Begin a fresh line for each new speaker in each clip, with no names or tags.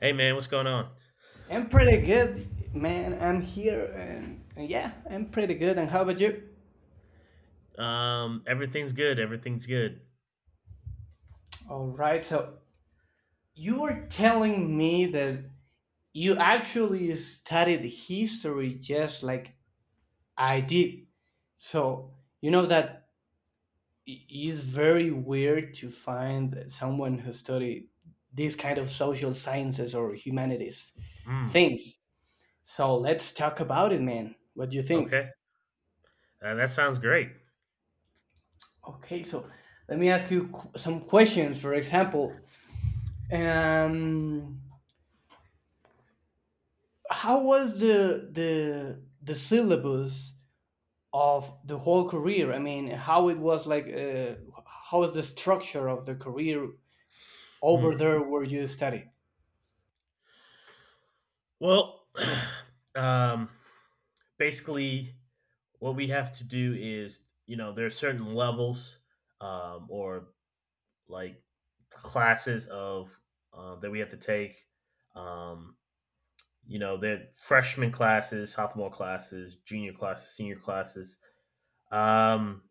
Hey man, what's going on?
I'm pretty good, man. I'm here and yeah, I'm pretty good. And how about you?
Everything's good. Everything's good.
All right. So you were telling me that you actually studied history just like I did. So you know that it is very weird to find someone who studied these kind of social sciences or humanities
Mm,
things. So let's talk about it, man. What do you think?
okay, that sounds great.
Okay, so let me ask you some questions. For example, and how was the syllabus of the whole career? I mean, how it was like? How was the structure of the career over
Hmm.
there where you study?
Well, um, basically, what we have to do is, there are certain levels, or like classes of, that we have to take. Um, they're freshman classes, sophomore classes, junior classes, senior classes. Um,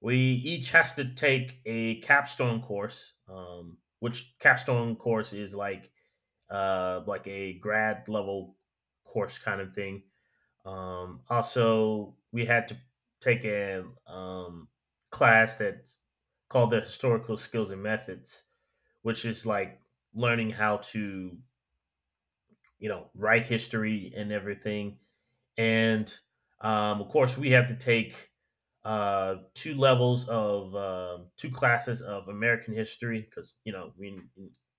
we each has to take a capstone course, which capstone course is like, like a grad level course kind of thing. Also, we had to take a, class that's called the historical skills and methods, which is like learning how to write history and everything, and, of course we have to take, two levels of, two classes of American history because we in,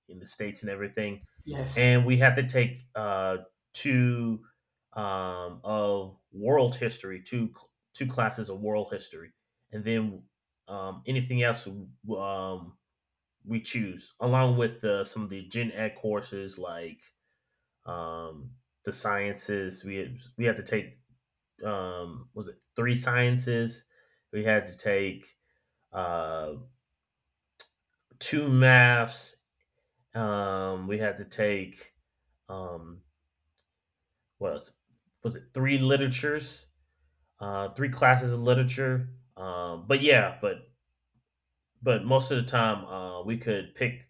in the states and everything,
Yes.
and we have to take, two, of world history, two classes of world history, and then, anything else, we choose, along with, some of the gen ed courses like, um, the sciences. We have to take, was it three sciences? We had to take, uh, two maths. We had to take, um, what else? Was it three literatures? Three classes of literature. But yeah, but most of the time, we could pick,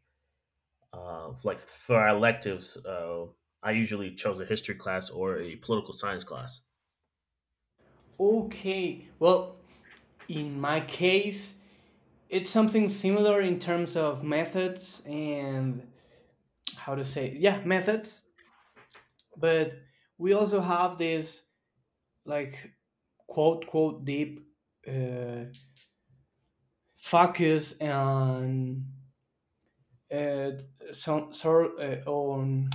like for our electives. I usually chose a history class or a political science class.
Okay. Well, in my case, it's something similar in terms of methods and how to say, yeah, methods. But we also have this, like, quote quote deep uh, focus on uh, some sort on,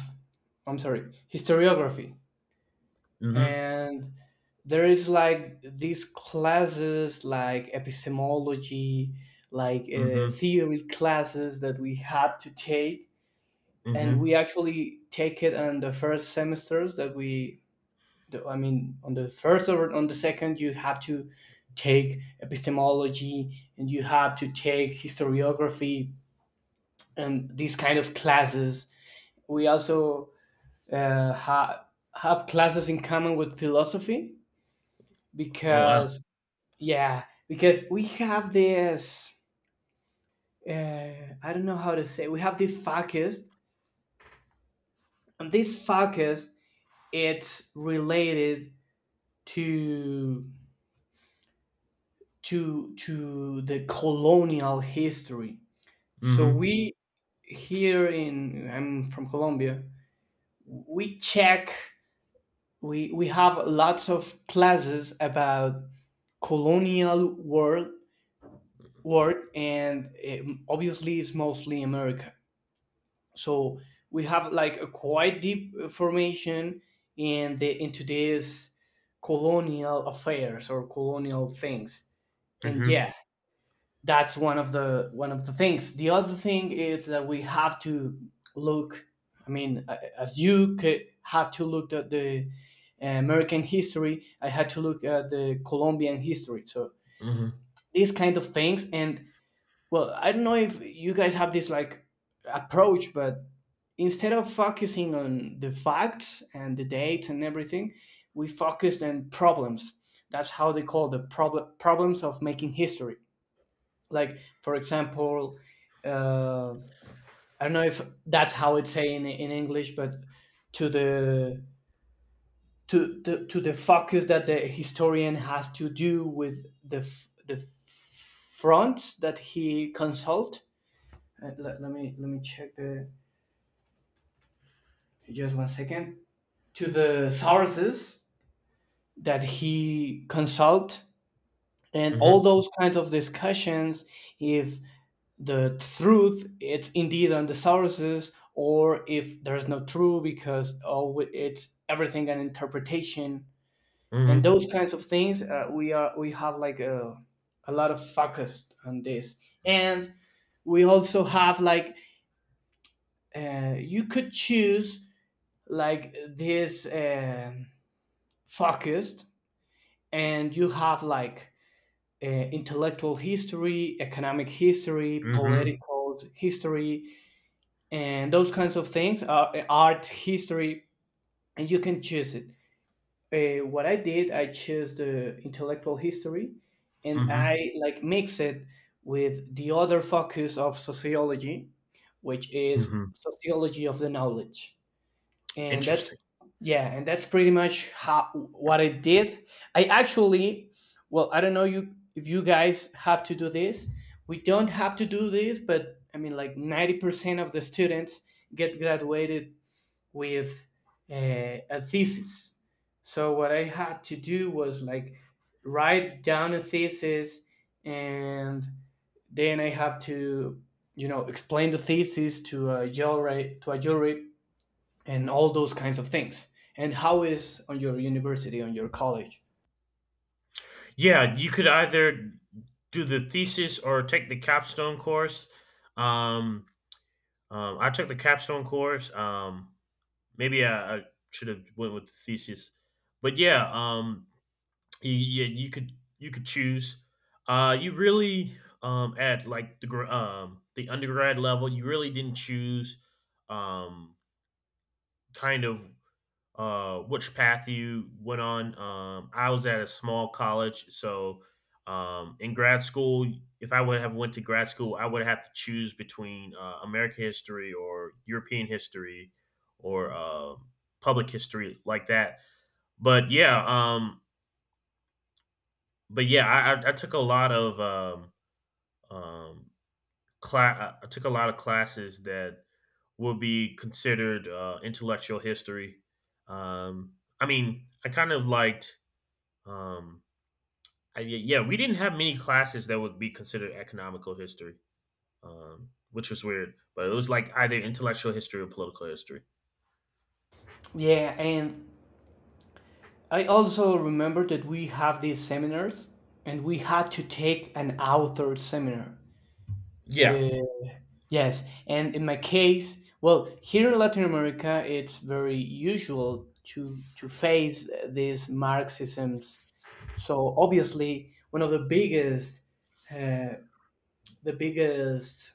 I'm sorry, historiography,
Mm-hmm.
and there is like these classes like epistemology, like
Mm-hmm.
theory classes that we had to take. And we
Mm-hmm.
actually take it on the first semesters that I mean on the first or on the second you have to take epistemology and you have to take historiography and these kind of classes. We also uh, ha- have classes in common with philosophy
Oh wow.
because yeah, because we have this uh, I don't know how to say, we have this focus, and this focus, it's related to to the colonial history. So
Mm-hmm.
we, here in, I'm from Colombia, we check, we have lots of classes about colonial world work and, obviously it's mostly America. So we have like a quite deep formation in the into this colonial affairs or colonial things. And
Mm-hmm.
yeah, that's one of the things. The other thing is that we have to look, I mean, as you could have to look at the American history, I had to look at the Colombian history. So
Mm-hmm.
these kind of things, and well, I don't know if you guys have this like approach, but instead of focusing on the facts and the dates and everything, we focused on problems. That's how they call the problems of making history. Like for example, uh, I don't know if that's how it's saying in English, but to the to the focus that the historian has to do with the the fronts that he consult, uh, let me check the, just 1 second, to the sources that he consult and all
Mm-hmm.
those kinds of discussions, if the truth it's indeed on the sources or if there's no truth, because oh, it's everything an interpretation. And
Mm-hmm.
those kinds of things, uh, we have like a lot of focus on this. And we also have like, you could choose like this focused, and you have like intellectual history, economic history,
Mhm,
political history, and those kinds of things, art history. And you can choose it. What I did, I chose the intellectual history, and I
mhm,
like mix it with the other focus of sociology, which is
mhm.
sociology of the knowledge. And that's,
Interesting.
yeah, and that's pretty much how what I did. I actually, well, I don't know you if you guys have to do this, we don't have to do this, but I mean, like 90% of the students get graduated with a thesis. So what I had to do was like, write down a thesis, and then I have to, you know, explain the thesis to a jury, to a jury, and all those kinds of things. And how is on your university, on your college?
Yeah, you could either do the thesis or take the capstone course. Um, I took the capstone course. Maybe I should have went with the thesis, but yeah, yeah, you could choose. You really, at like the, the undergrad level, you really didn't choose, um, kind of, which path you went on. I was at a small college, so, in grad school, if I would have went to grad school, I would have to choose between, American history or European history or, public history like that. But yeah, I took a lot of, um, class. I took a lot of classes that will be considered, intellectual history. Um, I mean, I kind of liked. Um, yeah, yeah, we didn't have many classes that would be considered economical history, which was weird. But it was like either intellectual history or political history.
Yeah, and I also remember that we have these seminars, and we had to take an author seminar.
Yeah.
Uh, yes, and in my case, well, here in Latin America, it's very usual to face these Marxisms. So obviously, one of uh, the biggest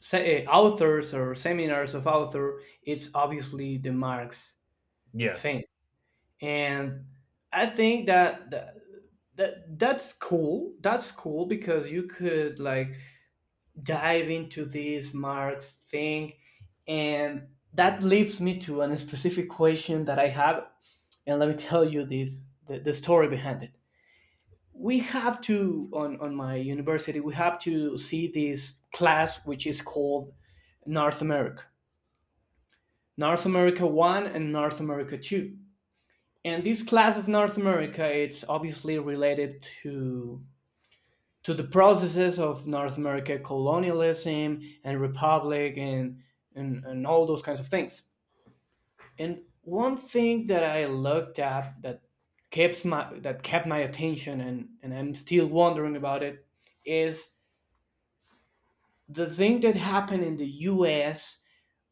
authors or seminars of author, it's obviously the Marx
Yeah,
thing. And I think that, that that's cool. That's cool because you could like dive into this Marx thing, and that leads me to a specific question that I have. And let me tell you this, the story behind it. We have to, on my university we have to see this class which is called North America North America 1 and North America 2. And this class of North America, it's obviously related to the processes of North America colonialism and republic and all those kinds of things. And one thing that I looked up, that keeps my that kept my attention, and I'm still wondering about it, is the thing that happened in the US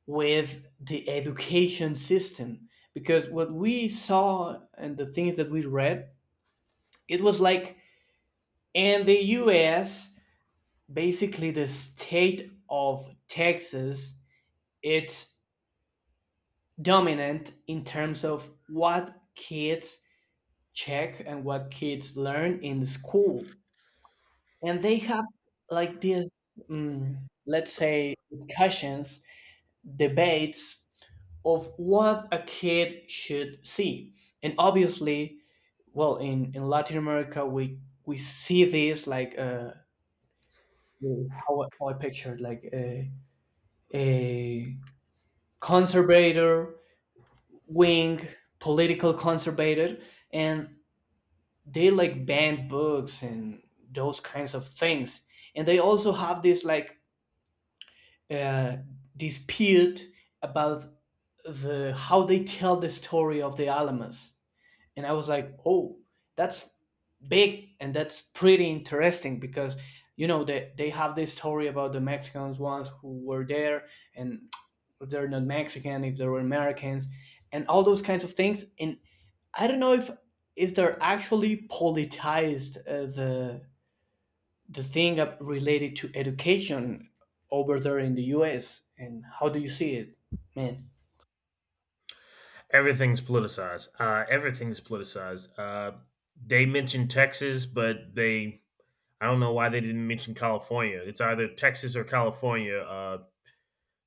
with the education system. Because what we saw and the things that we read, it was like, in the US, basically the state of Texas, it's dominant in terms of what kids check and what kids learn in school. And they have like this, mm, let's say, discussions, debates of what a kid should see. And obviously, well, in Latin America, we see this like, how, how I pictured like a conservator wing, political conservative, and they like ban books and those kinds of things. And they also have this like uh, dispute about the how they tell the story of the Alamos, and I was like, oh, that's big, and that's pretty interesting because, you know, they have this story about the Mexicans once who were there, and if they're not Mexican, if they were Americans, and all those kinds of things. And I don't know if is there actually politicized the thing up related to education over there in the U.S., and how do you see it, man?
everything's politicized. Everything's politicized. They mentioned Texas, but they I don't know why they didn't mention California. It's either Texas or California.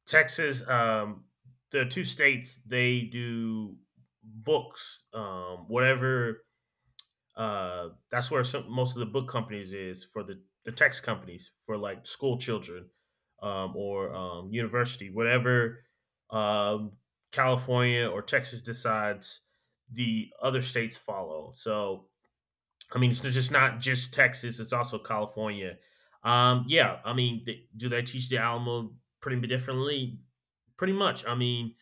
Texas, the two states, they do books, whatever. That's where some, most of the book companies is for the text companies for like school children, or, university, whatever, um, California or Texas decides, the other states follow. So, I mean, it's just not just Texas; it's also California. Yeah, I mean, do they teach the Alamo pretty differently? Pretty much. I mean,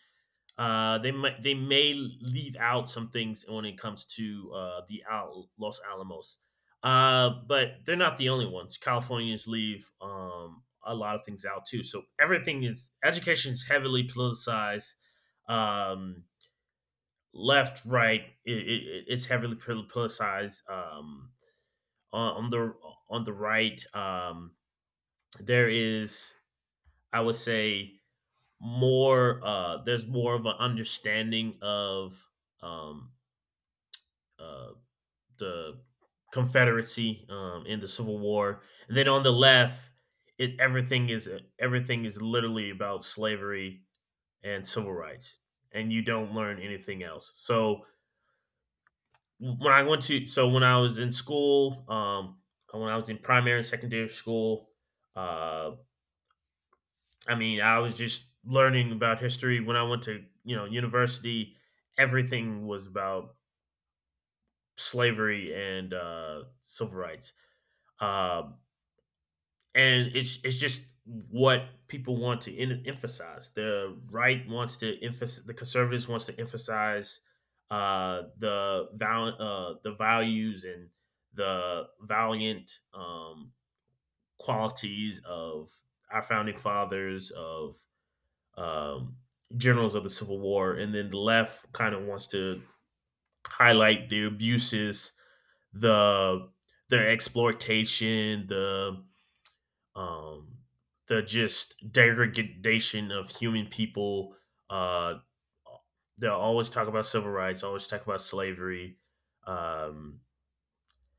they may leave out some things when it comes to, the, Los Alamos, but they're not the only ones. Californians leave, a lot of things out too. So everything is education is heavily politicized. Um, Left, right, it's heavily politicized. On, on the on the right, there is I would say more. There's more of an understanding of, um, uh, the Confederacy, in the Civil War, and then on the left, it everything is literally about slavery and civil rights, and you don't learn anything else. So when I went to so when I was in school, when I was in primary and secondary school, uh, I mean I was just learning about history. When I went to university, everything was about slavery and, civil rights. Uh, and it's just what people want to, emphasize. The right wants to emphasize. The conservatives wants to emphasize, the values and the valiant, qualities of our founding fathers, of, um, generals of the Civil War, and then the left kind of wants to highlight the abuses, the their exploitation, um, the just degradation of human people. Uh, they'll always talk about civil rights, always talk about slavery. Um,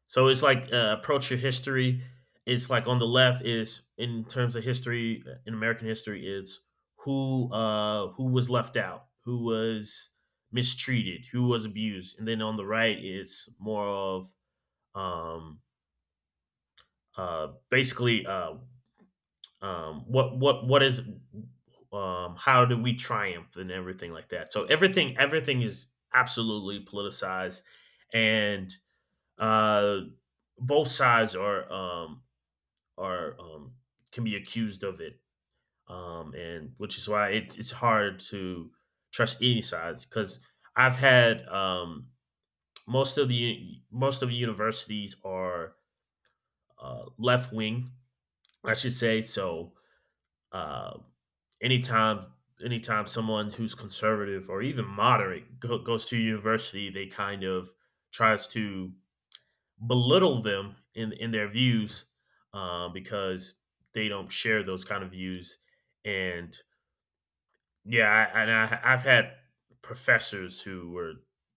so it's like, approach your history. It's like on the left is in terms of history in American history is who, who was left out, who was mistreated, who was abused, and then on the right it's more of, um, basically, what is, how do we triumph and everything like that, so everything is absolutely politicized, and uh both sides are can be accused of it. And which is why it's hard to trust any sides because I've had, most of the universities are, left wing, I should say, so. Uh, anytime anytime someone who's conservative or even moderate goes to university, they kind of tries to belittle them in their views, because they don't share those kind of views. And yeah, I've had professors who were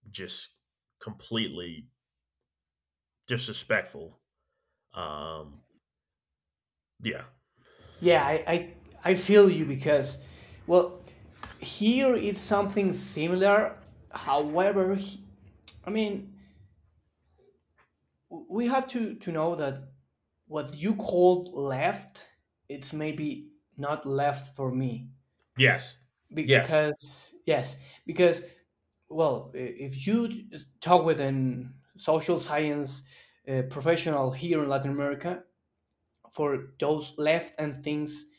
just completely disrespectful. Um, yeah.
Yeah, I feel you because, well, here it's something similar. However, I mean, we have to know that what you called left, it's maybe not left for me.
Yes. Yes.
Because, yes, because, well, if you talk with an social science professional here in Latin America, for those left and things,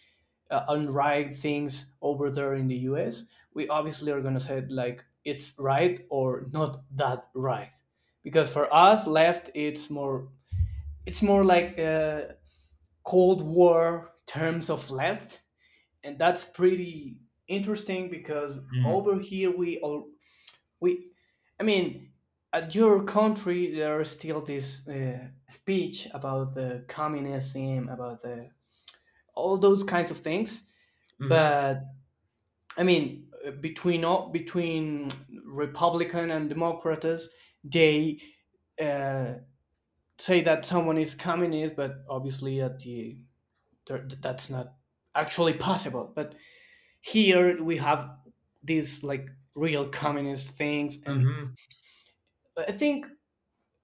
unright things over there in the US, we obviously are going to say like it's right or not that right. Because for us, left, it's more, it's more like cold war terms of left. And that's pretty interesting because
Mm-hmm.
over here we all, we, I mean at your country there is still this speech about the communism, about the all those kinds of things.
Mm-hmm.
But I mean, between all, between Republican and Democrats, they uh, say that someone is communist, but obviously at the there- that's not actually possible. But here we have these like real communist things, and
Mm-hmm.
I think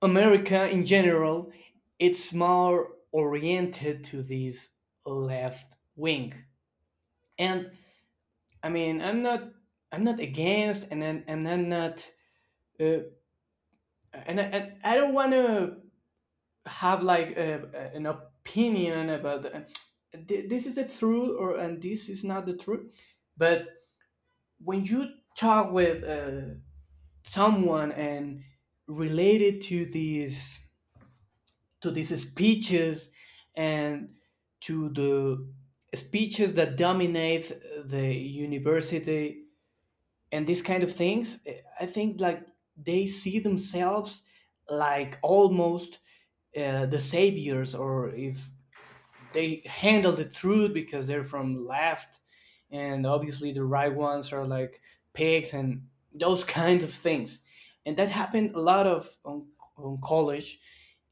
America in general, it's more oriented to this left wing. And I mean, I'm not, I'm not against, and I'm not uh, and and I don't want to have like a, an opinion about the, this is the truth or and this is not the truth. But when you talk with someone and related to these, to these speeches and to the speeches that dominate the university and these kind of things, eh, I think like they see themselves like almost the saviors, or if they handle the truth because they're from left, and obviously the right ones are like pigs and those kind of things. And that happened a lot of on college.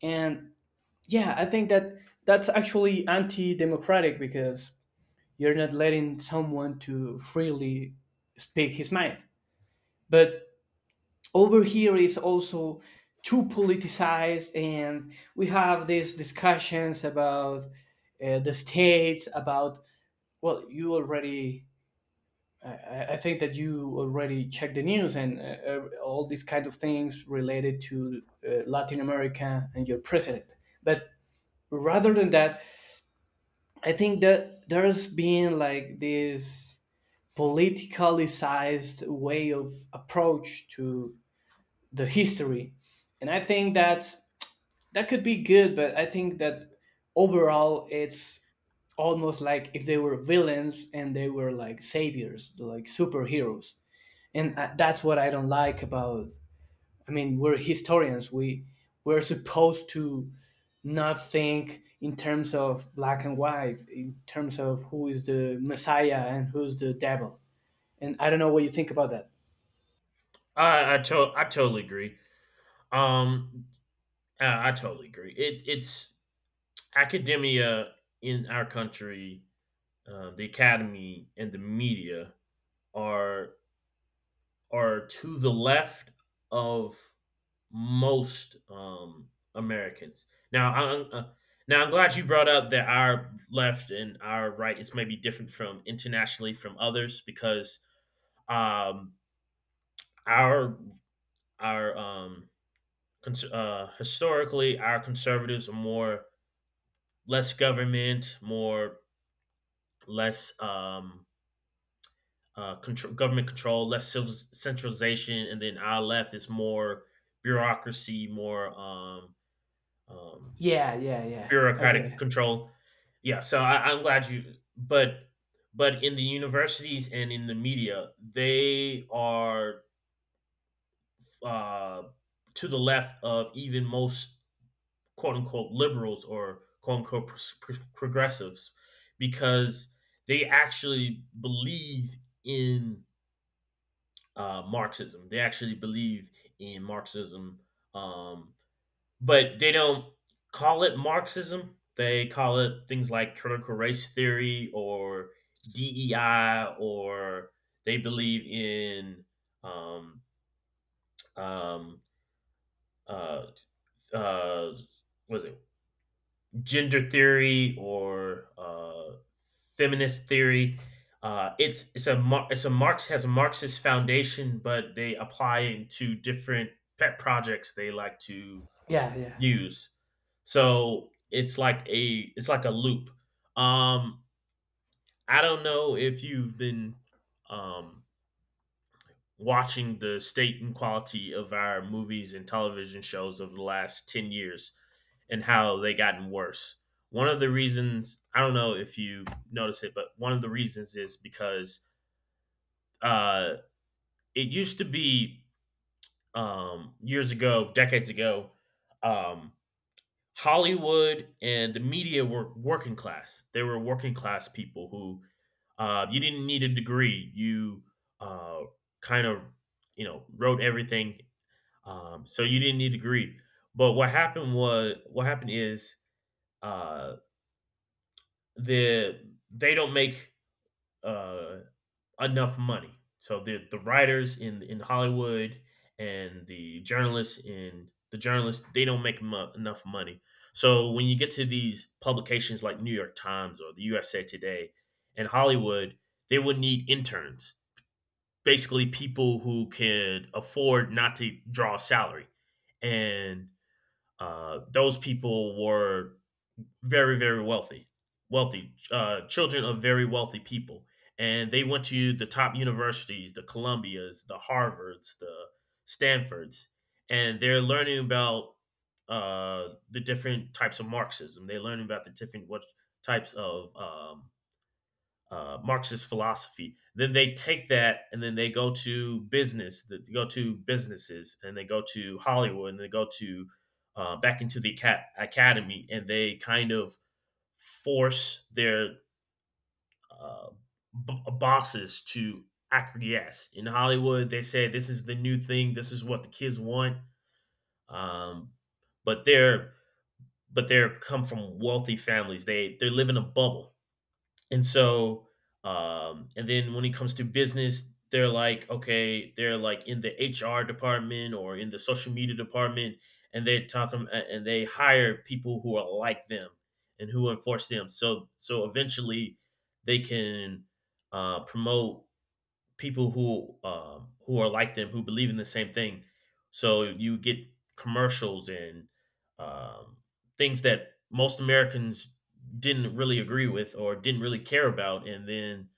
And yeah, I think that that's actually anti-democratic because you're not letting someone to freely speak his mind. But over here is also too politicized, and we have these discussions about the states, about, well, you already, I think that you already checked the news and, all these kinds of things related to Latin America and your president. But rather than that, I think that there's been like this politically way of approach to the history. And I think that's, that could be good, but I think that overall it's almost like if they were villains and they were like saviors, like superheroes, and that's what I don't like about. I mean, we're historians. We're supposed to not think in terms of black and white, in terms of who is the messiah and who's the devil. And I don't know what you think about that.
I totally agree. Um, I totally agree. It's academia in our country, the academy and the media are are to the left of most, Americans. Now, now I'm glad you brought up that our left and our right is maybe different from internationally from others because, um, our our um, historically our conservatives are more less government, more less, control, government control, less, centralization, and then our left is more bureaucracy, more, um,
Yeah, yeah, yeah. I get
bureaucratic
it.
control. Yeah, so I'm glad you, but in the universities and in the media, they are, uh, to the left of even most quote unquote liberals or quote unquote, progressives because they actually believe in, Marxism. They actually believe in Marxism, um, but they don't call it Marxism. They call it things like critical race theory or DEI, or they believe in, um, um, uh, uh, was it gender theory or, feminist theory. It's a Marx, has a Marxist foundation, but they apply into different pet projects they like to
Yeah, yeah,
use. So it's like a loop. Um, I don't know if you've been, um, watching the state and quality of our movies and television shows over the last 10 years and how they gotten worse. One of the reasons, I don't know if you notice it, but one of the reasons is because, uh, it used to be, years ago, decades ago, um, Hollywood and the media were working class. They were working class people who, you didn't need a degree. You, uh, kind of, wrote everything. So you didn't need to greet. But what happened is, uh, the they don't make, uh, enough money. So the writers in Hollywood and the journalists they don't make, enough money. So when you get to these publications like New York Times or the USA Today and Hollywood, they would need interns, basically people who could afford not to draw a salary. And, those people were very, very wealthy, wealthy, children of very wealthy people, and they went to the top universities, the Columbias, the Harvards, the Stanfords, and they're learning about, the different types of Marxism. They're learning about the different, what types of, Marxist philosophy. Then they take that and then they go to businesses, and they go to Hollywood, and they go to, back into the academy, and they kind of force their, uh, bosses to acquiesce. In Hollywood, they say this is the new thing, this is what the kids want, um, but they're come from wealthy families. They live in a bubble, and so, and then when it comes to business, they're like, okay, they're like in the HR department or in the social media department, and they talk them and they hire people who are like them and who enforce them. So, eventually, they can, promote people, who are like them who believe in the same thing. So you get commercials and, um, things that most Americans didn't really agree with or didn't really care about, and then,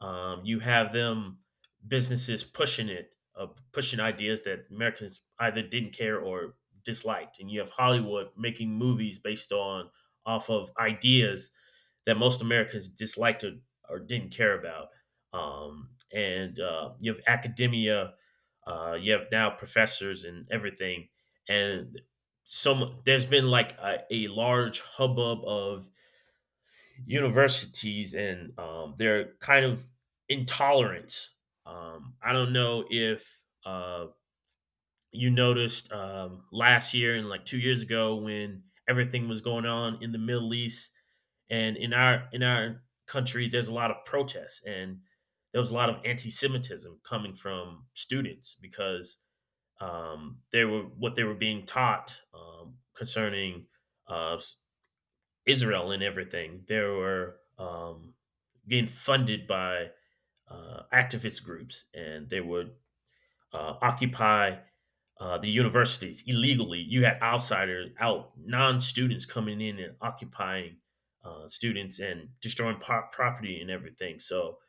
you have them businesses pushing it, pushing ideas that Americans either didn't care or disliked, and you have Hollywood making movies based on off of ideas that most Americans disliked, or didn't care about. And You have academia, you have now professors and everything, and some there's been like a large hubbub of universities and, their kind of intolerance. I don't know if, you noticed, last year and like 2 years ago when everything was going on in the Middle East and in our country, there's a lot of protests and there was a lot of anti-Semitism coming from students because, they were what they were being taught, concerning, uh, Israel and everything. They were, being funded by, activist groups, and they would, occupy, the universities illegally. You had outsiders, out non-students coming in and occupying, students and destroying, property and everything. So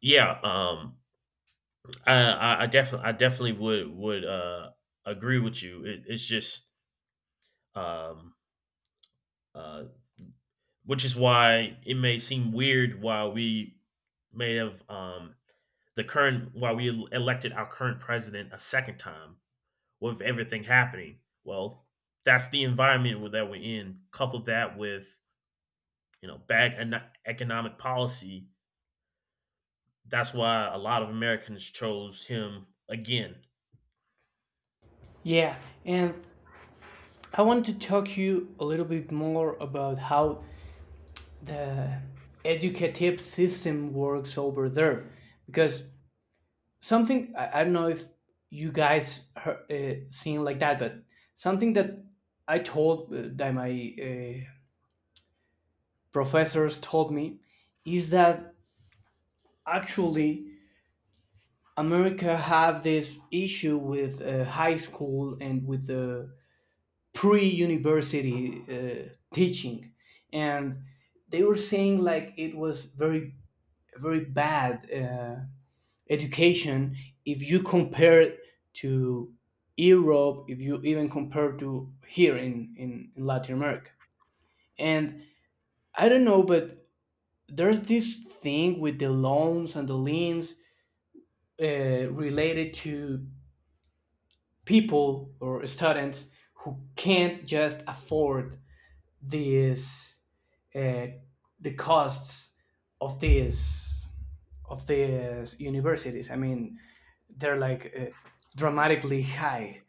yeah, I definitely would, agree with you. It, it's just um, uh, which is why it may seem weird why we may have, the current why we elected our current president a second time with everything happening. Well, that's the environment that we're in. Couple that with bad, economic policy. That's why a lot of Americans chose him again.
yeah. And I want to talk to you a little bit more about how the educative system works over there, because something, I don't know if you guys heard, seen like that, but something that I told, that my professors told me, is that actually America have this issue with high school and with the pre-university teaching. And they were saying like it was very very bad education if you compare it to Europe, if you even compare to here in, in Latin America. And I don't know, but there's this thing with the loans and the liens uh, related to people or students who can't just afford this, uh, the costs of these, of these universities. I mean, they're like dramatically high.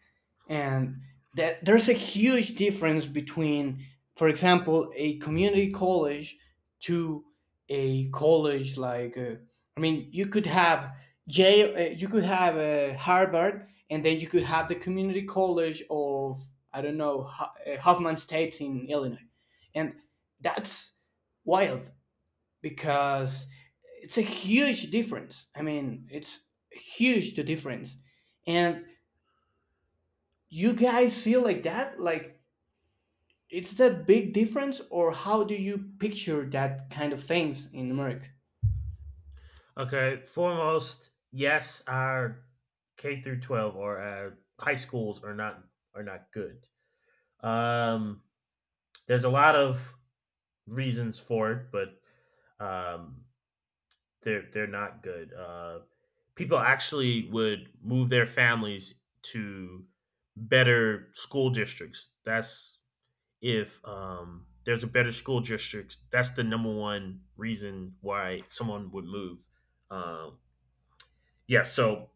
And that there's a huge difference between, for example, a community college to a college like, I mean, you could have Yale, you could have Harvard, and then you could have the community college of, I don't know, Hoffman State in Illinois. And that's wild because it's a huge difference. I mean, it's huge, the difference. And you guys feel like that? Like, it's that big difference, or how do you picture that kind of things in Merc?
Okay, foremost, yes, our K through 12 or our high schools are not good. Um, there's a lot of reasons for it, but, um, they're not good. People actually would move their families to better school districts. That's if, there's a better school district. That's the number one reason why someone would move. Um, yeah. So,